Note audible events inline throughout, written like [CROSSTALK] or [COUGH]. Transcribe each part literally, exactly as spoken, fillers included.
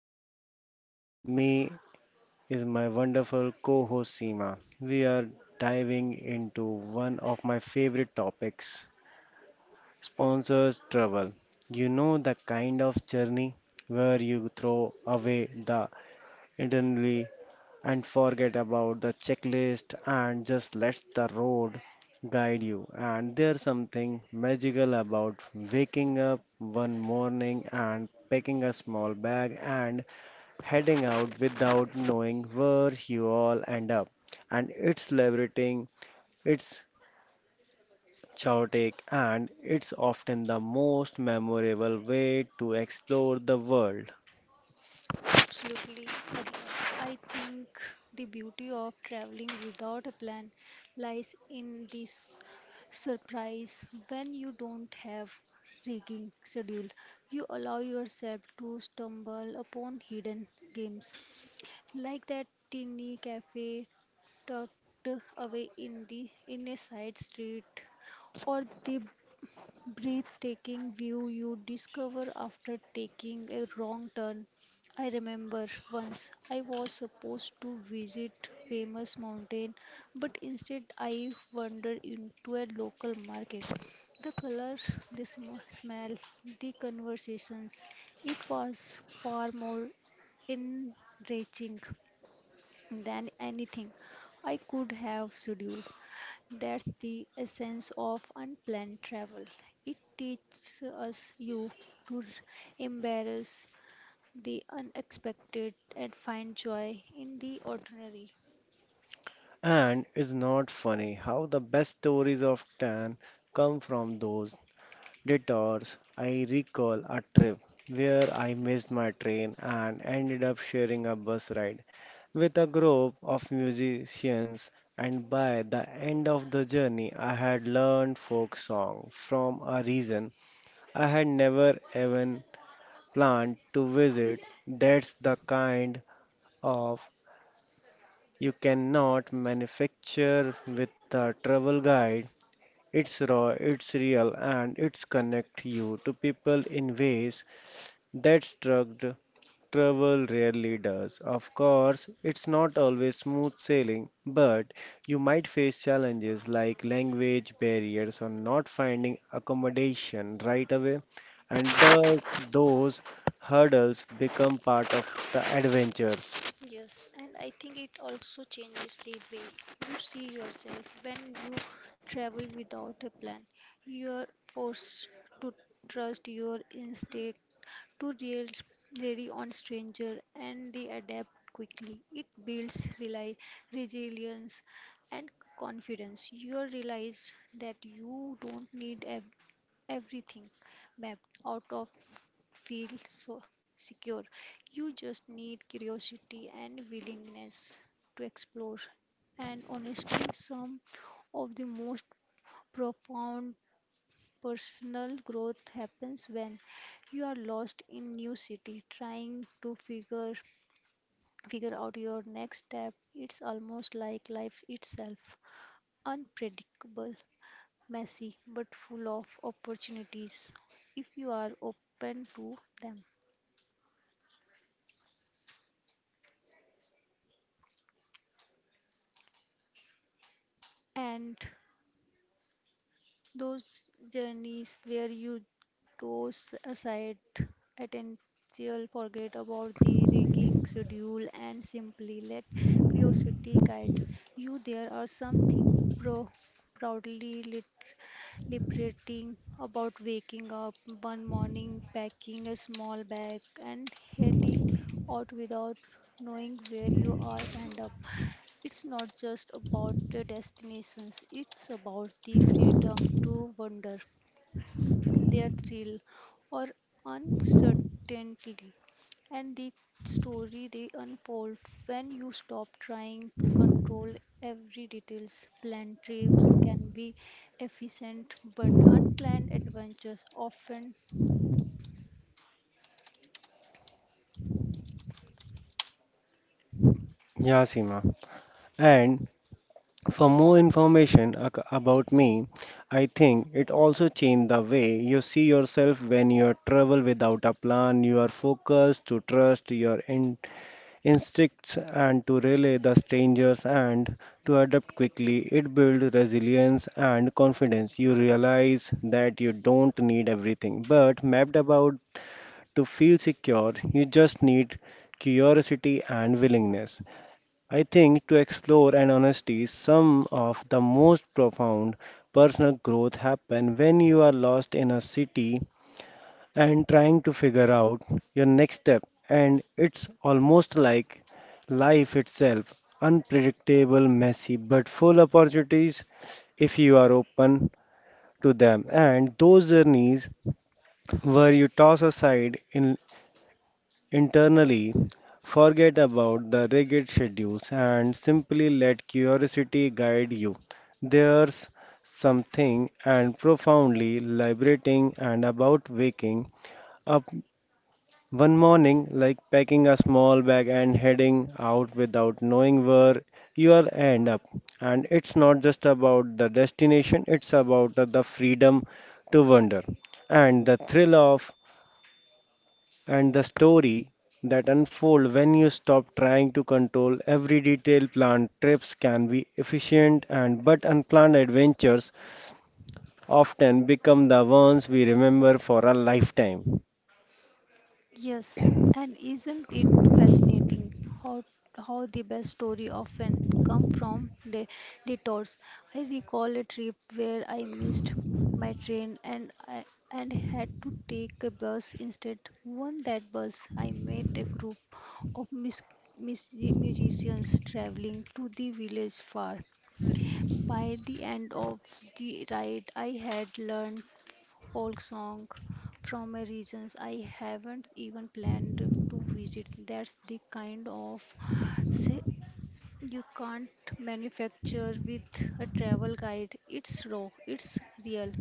beside me is my wonderful co-host Seema. We are diving into one of my favorite topics, sponsors travel. You know the kind of journey where you throw away the itinerary and forget about the checklist and just let the road guide you. And there's something magical about waking up one morning and packing a small bag and heading out without knowing where you all end up. And it's liberating, it's chaotic, and it's often the most memorable way to explore the world. Absolutely, Abhinav. I think the beauty of traveling without a plan lies in this surprise. When you don't have rigging schedule, you allow yourself to stumble upon hidden games, like that tiny cafe tucked away in the in a side street, or the breathtaking view you discover after taking a wrong turn. I remember once I was supposed to visit famous mountain, but instead I wandered into a local market. The color, the sm- smell, the conversations, it was far more enriching than anything I could have scheduled. That's the essence of unplanned travel. It teaches us you to embrace the unexpected and find joy in the ordinary. And it's not funny how the best stories often come from those detours. I recall a trip where I missed my train and ended up sharing a bus ride with a group of musicians. And by the end of the journey, I had learned folk song from a region I had never even planned to visit. That's the kind of you cannot manufacture with a travel guide. It's raw, it's real, and it's connect you to people in ways that struck travel rarely does. Of course, it's not always smooth sailing, but you might face challenges like language barriers or not finding accommodation right away. And but those hurdles become part of the adventures. Yes, and I think it also changes the way you see yourself when you travel without a plan. You are forced to trust your instinct, to real rely on stranger and they adapt quickly. It builds rely, resilience and confidence. You realize that you don't need ev- everything mapped out of feel so secure. You just need curiosity and willingness to explore. And honestly, some of the most profound personal growth happens when you are lost in new city trying to figure figure out your next step. It's almost like life itself: unpredictable, messy, but full of opportunities if you are open to them. And those journeys where you toss aside attention, forget about the rigging schedule, and simply let curiosity guide you. There are something pro- proudly lit- liberating about waking up one morning, packing a small bag, and heading out without knowing where you are end up. It's not just about the destinations, it's about the freedom to wander, their thrill, or uncertainty. And the story they unfold when you stop trying to control every details. Planned trips can be efficient, but unplanned adventures often. Yeah, Seema. And for more information ac- about me, I think it also changed the way you see yourself when you travel without a plan. You are focused to trust your in- instincts and to relay the strangers and to adapt quickly. It builds resilience and confidence. You realize that you don't need everything, but mapped about to feel secure, you just need curiosity and willingness. I think to explore and honesty, some of the most profound personal growth happen when you are lost in a city and trying to figure out your next step. And it's almost like life itself, unpredictable, messy, but full opportunities if you are open to them. And those journeys where you toss aside in internally, forget about the rigid schedules and simply let curiosity guide you. There's something and profoundly liberating and about waking up one morning like packing a small bag and heading out without knowing where you'll end up. And it's not just about the destination, it's about the freedom to wander and the thrill of and the story that unfold when you stop trying to control every detail planned trips can be efficient and but unplanned adventures often become the ones we remember for a lifetime. Yes, and isn't it fascinating how how the best story often come from the detours? I recall a trip where I missed my train and I and had to take a bus instead. On that bus, I met a group of mis mis musicians traveling to the village far. By the end of the ride, I had learned folk song from a regions I haven't even planned to visit. That's the kind of se- you can't manufacture with a travel guide. It's raw, it's real,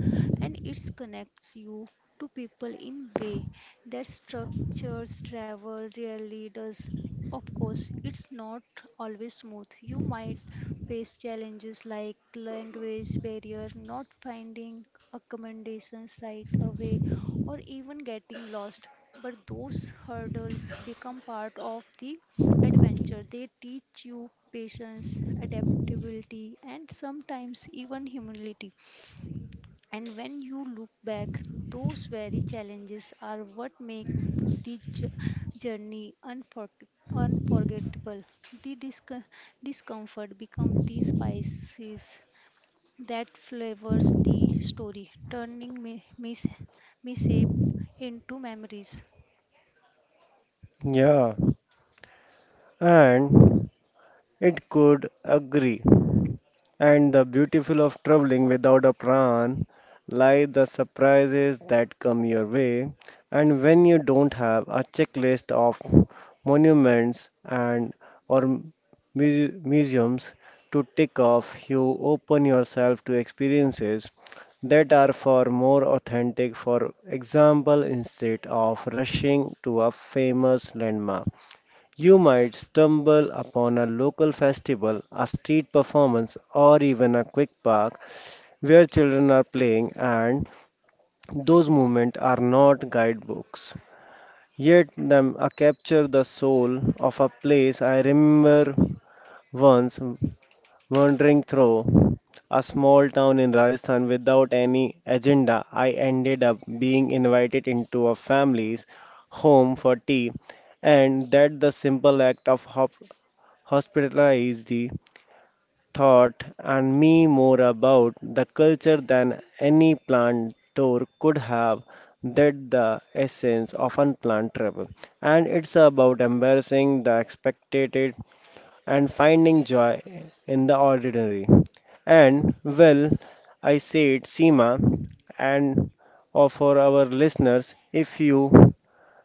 and it connects you to people in way that structures travel rarely does. Of course, it's not always smooth. You might face challenges like language barrier, not finding accommodations right away, or even getting lost. But those hurdles become part of the adventure. They teach you patience, adaptability, and sometimes even humility. And when you look back, those very challenges are what make the j- journey unfor- unforgettable. The disco- discomfort becomes the spices that flavors the story, turning mi- mis- mishap into memories. Yeah, and it could agree. And the beautiful of traveling without a plan lie the surprises that come your way. And when you don't have a checklist of monuments and or mu- museums to tick off, you open yourself to experiences that are far more authentic. For example, instead of rushing to a famous landmark, you might stumble upon a local festival, a street performance, or even a quick park where children are playing, and those movements are not guidebooks. Yet them uh, capture the soul of a place. I remember once wandering through a small town in Rajasthan without any agenda, I ended up being invited into a family's home for tea, and that the simple act of hop- hospitality taught and me more about the culture than any planned tour could have. That the essence of unplanned travel, and it's about embarrassing the expected and finding joy in the ordinary. And well, I said, Seema, and or for our listeners, if you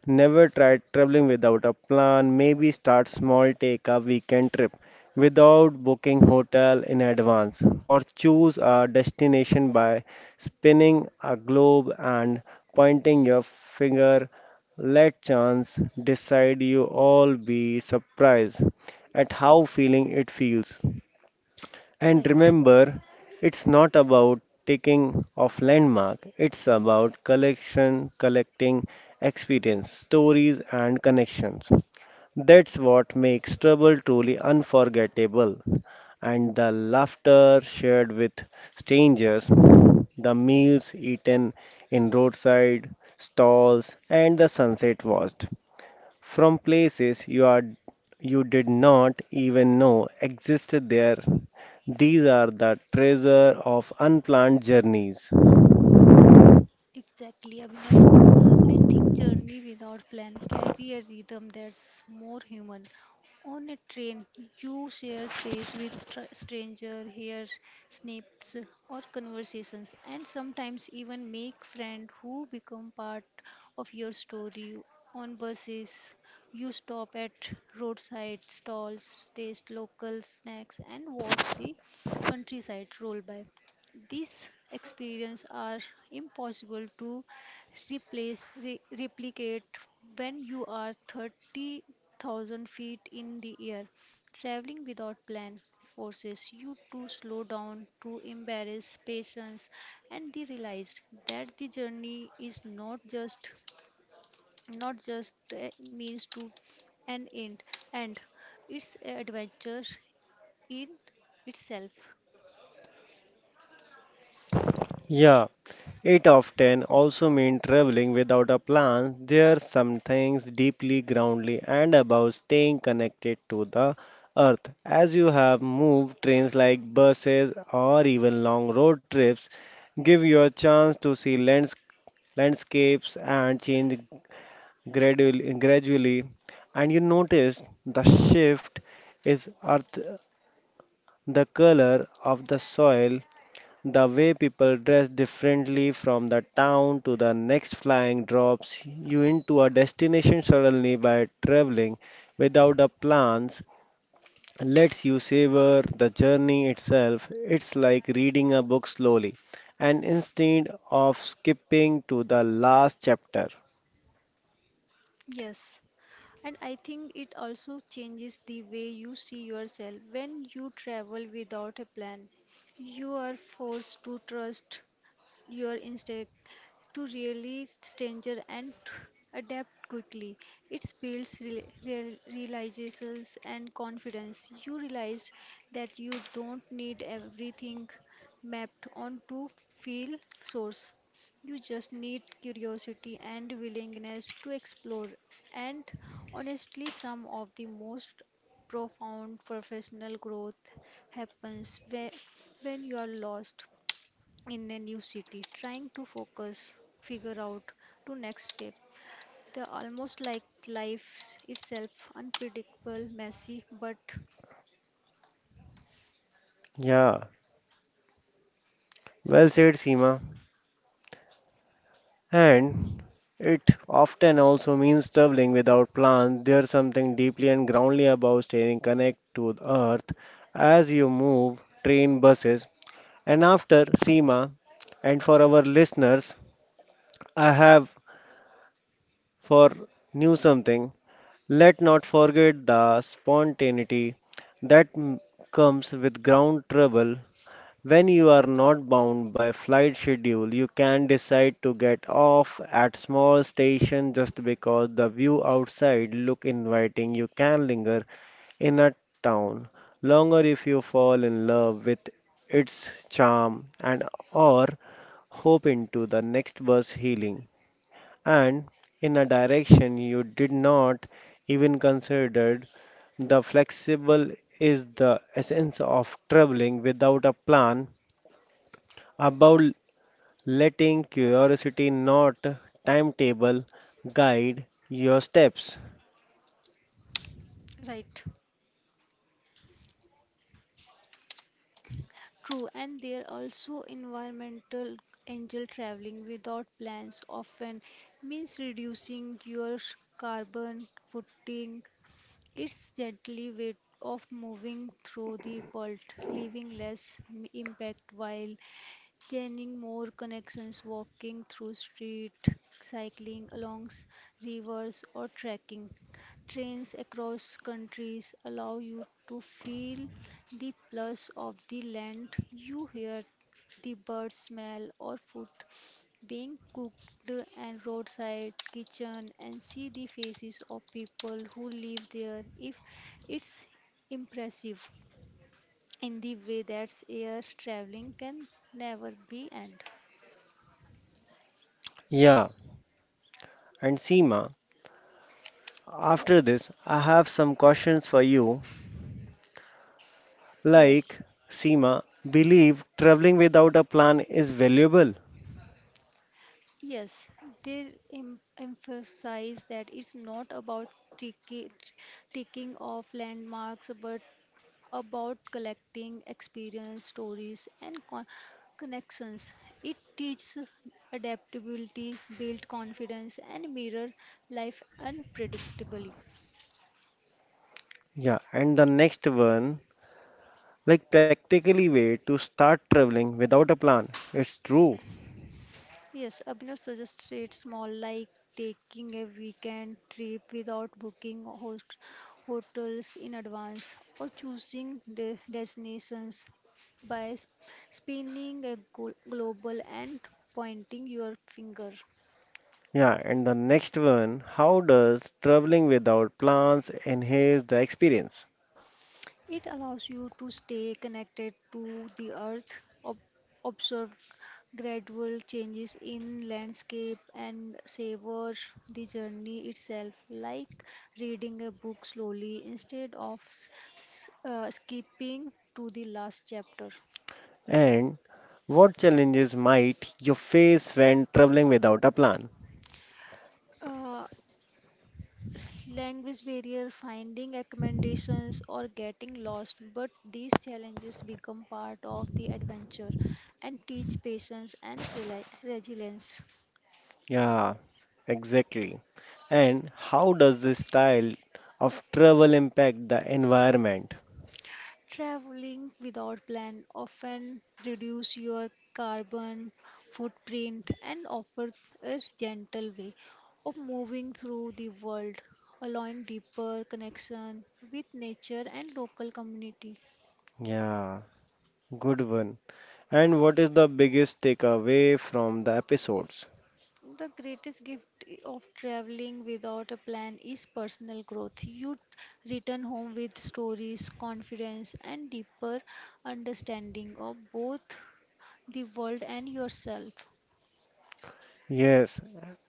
never tried traveling without a plan. Maybe start small, take a weekend trip without booking hotel in advance or choose a destination by spinning a globe and pointing your finger. Let chance decide you all be surprised at how feeling it feels. And Right. remember, it's not about taking off landmark, it's about collection, collecting experience, stories and connections. That's what makes trouble truly unforgettable. And the laughter shared with strangers, the meals eaten in roadside stalls, and the sunset watched from places you are you did not even know existed there. These are the treasure of unplanned journeys. Exactly, Abhinav. I think journey without plan carry a rhythm that's more human. On a train, you share space with str- stranger, hear snips or conversations, and sometimes even make friends who become part of your story. On buses, you stop at roadside stalls, taste local snacks, and watch the countryside roll by. These experiences are impossible to replace, re- replicate when you are thirty thousand feet in the air. Traveling without plan forces you to slow down, to embrace patience, and they realized that the journey is not just not just a means to an end, and it's an adventure in itself. Yeah, it often also means traveling without a plan. There are some things deeply groundly and about staying connected to the earth. As you have moved trains like buses or even long road trips, give you a chance to see lands- landscapes and change gradually, gradually and you notice the shift is earth, the color of the soil, the way people dress differently from the town to the next flying drops you into a destination suddenly by traveling without the plans lets you savor the journey itself. It's like reading a book slowly and instead of skipping to the last chapter. Yes. And I think it also changes the way you see yourself. When you travel without a plan, you are forced to trust your instinct to really stranger and [SNIFFS] adapt quickly. It builds real, real, realizations and confidence. You realized that you don't need everything mapped on to feel source. You just need curiosity and willingness to explore. And honestly, some of the most profound professional growth happens whe- when you are lost in a new city trying to focus figure out to next step, the almost like life itself, unpredictable, messy, but Yeah, well said, Seema. And it often also means traveling without plans. There's something deeply and groundly about staying connected to the earth as you move train buses. And after Seema, and for our listeners, I have for new something. Let not forget the spontaneity that m- comes with ground travel when you are not bound by flight schedule, you can decide to get off at small stations just because the view outside look inviting. You can linger in a town longer if you fall in love with its charm and or hope into the next bus healing and in a direction you did not even considered. The flexible is the essence of traveling without a plan about letting curiosity, not timetable, guide your steps. right. True. And there are also environmental angel. Traveling without plans often means reducing your carbon footing. It's gently way of moving through the world, leaving less m- impact while gaining more connections, walking through street, cycling along s- rivers, or trekking. Trains across countries allow you to feel the plus of the land. You hear the bird smell or food being cooked and roadside kitchen and see the faces of people who live there. If it's impressive in the way that air traveling can never be end. Yeah, and Seema, after this, I have some questions for you. Yes, Like, Seema, believe traveling without a plan is valuable. yes, they em emphasize that it's not about ticki- ticking off landmarks, but about collecting experience, stories, and con connections. It teaches adaptability, build confidence, and mirror life unpredictably. Yeah, and the next one, like practically way to start traveling without a plan. It's true. Yes, Abhinav suggested small like taking a weekend trip without booking host hotels in advance, or choosing de destinations by s- spinning a glo- global and pointing your finger. Yeah, and the next one, how does traveling without plans enhance the experience? It allows you to stay connected to the earth, ob- observe gradual changes in landscape, and savor the journey itself, like reading a book slowly instead of s- s- uh, skipping to the last chapter. And what challenges might you face when traveling without a plan? Uh, Language barrier, finding accommodations, or getting lost, but these challenges become part of the adventure and teach patience and reli resilience. Yeah, exactly. And how does this style of travel impact the environment? Traveling without plan often reduce your carbon footprint and offers a gentle way of moving through the world, allowing deeper connection with nature and local community. Yeah, good one. And what is the biggest takeaway from the episodes? The greatest gift of traveling without a plan is personal growth. You return home with stories, confidence, and deeper understanding of both the world and yourself. Yes,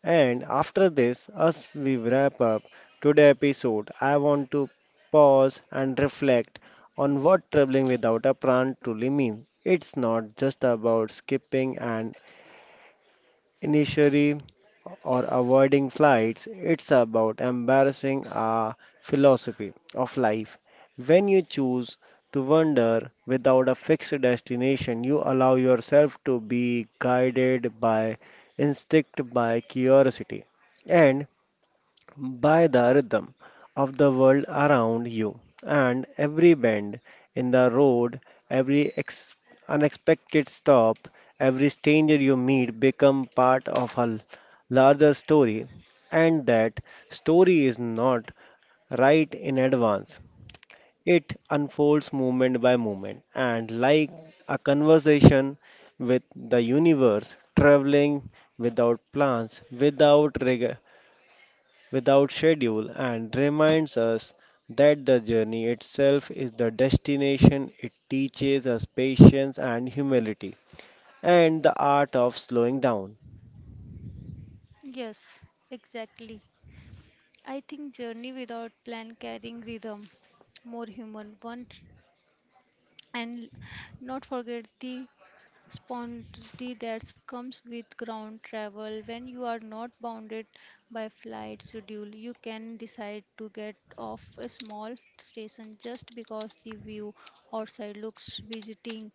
and after this, as we wrap up today's episode, I want to pause and reflect on what traveling without a plan truly means. It's not just about skipping an initially or avoiding flights, it's about embarrassing our philosophy of life. When you choose to wander without a fixed destination, you allow yourself to be guided by instinct, by curiosity, and by the rhythm of the world around you and every bend in the road, every ex- unexpected stop, every stranger you meet become part of a l- larger story, and that story is not right in advance, it unfolds moment by moment and like a conversation with the universe traveling without plans, without reg- without schedule and reminds us that the journey itself is the destination. It teaches us patience and humility and the art of slowing down. Yes, exactly. I think journey without plan carrying rhythm, more human one, and not forget the spontaneity that comes with ground travel. When you are not bounded by flight schedule, you can decide to get off a small station just because the view outside looks visiting.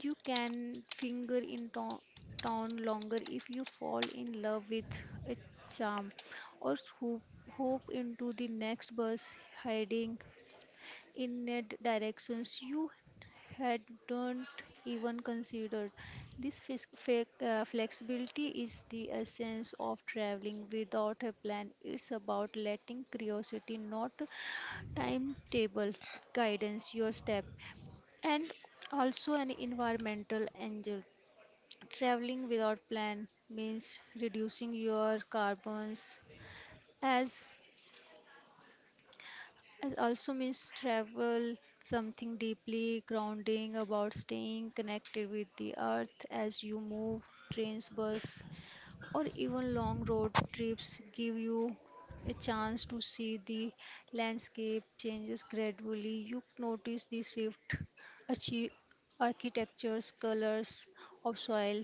You can finger in to- town longer if you fall in love with a charm, or swoop, hope into the next bus heading in a d- directions you hadn't even considered. This fis- fe- uh, flexibility is the essence of traveling without a plan. It's about letting curiosity, not timetable, guidance your step. And also an environmental angel. Traveling without plan means reducing your carbons. as as also means travel something deeply grounding about staying connected with the earth as you move trains bus or even long road trips give you a chance to see the landscape changes gradually. You notice the shift, achi- architectures, colors of soil,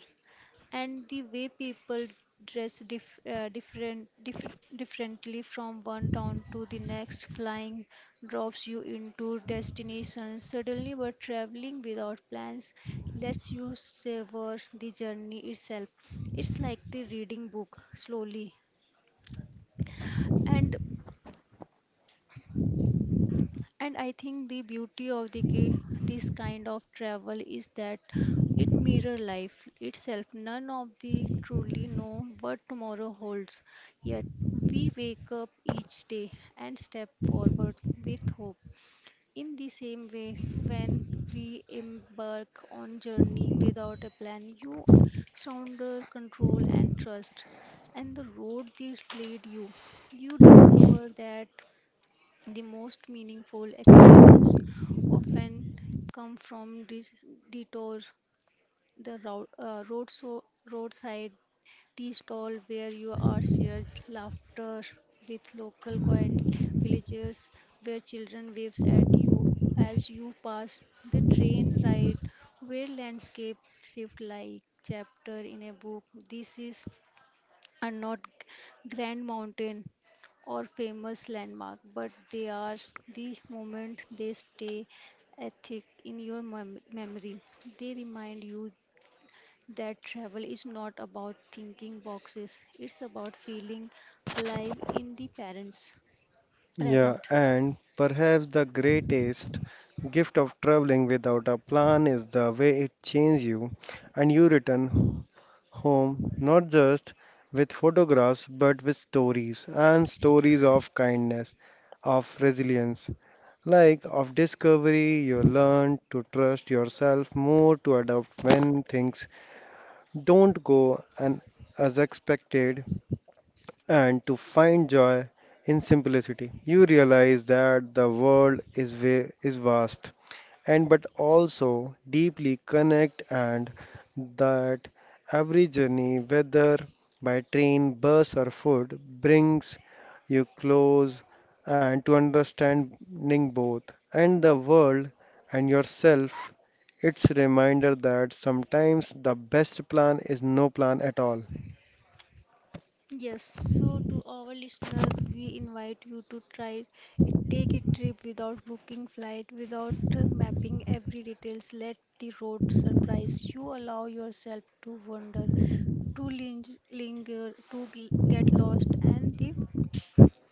and the way people dress dif- uh, different dif- differently from one town to the next. Flying drops you into destinations suddenly, but traveling without plans lets you savor the journey itself. It's like the reading book slowly. and And I think the beauty of the ki- this kind of travel is that it mirror life itself. None of the truly know what tomorrow holds. Yet we wake up each day and step forward with hope. In the same way, when we embark on journey without a plan, you sounder control and trust, and the road they lead you. You discover that the most meaningful experience often come from dis- detour, the road, uh, road so, roadside tea stall where you are shared laughter with local quiet villagers, where children waves at you as you pass the train ride, where landscape shift like chapter in a book. This is are not grand mountain or famous landmark, but they are the moment they stay ethic in your mem- memory. They remind you that travel is not about thinking boxes; it's about feeling alive in the parents Yeah, present. and perhaps the greatest gift of traveling without a plan is the way it changes you and you return home not just with photographs but with stories and stories of kindness, of resilience, like of discovery. You learn to trust yourself more to adapt when things don't go an- as expected and to find joy in simplicity. You realize that the world is va- is vast and but also deeply connect and that every journey whether by train, bus or foot brings you close and to understanding both and the world and yourself. It's a reminder that sometimes the best plan is no plan at all. Yes, so to our listener, we invite you to try it. Take a trip without booking flight, without uh, mapping every details. Let the road surprise you. Allow yourself to wander, to ling- linger, to gl- get lost, and the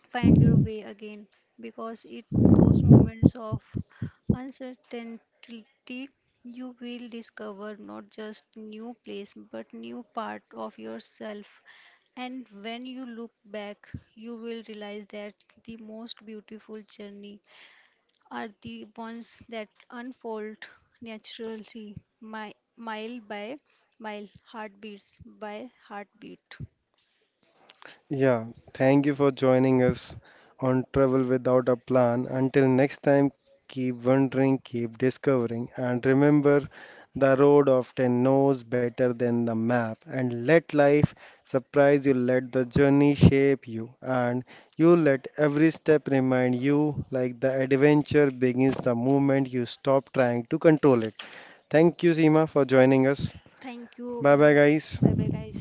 find your way again, because it those moments of uncertainty you will discover not just new place but new part of yourself. And when you look back you will realize that the most beautiful journey are the ones that unfold naturally, mi- mile by mile, heartbeats by heartbeat. Yeah, thank you for joining us on Travel Without a Plan. Until next time, keep wondering, keep discovering, and remember the road often knows better than the map. And let life surprise you, let the journey shape you, and you let every step remind you like the adventure begins the moment you stop trying to control it. Thank you, Seema, for joining us. Thank you, Bye bye, Abhinav. guys. Bye bye, guys.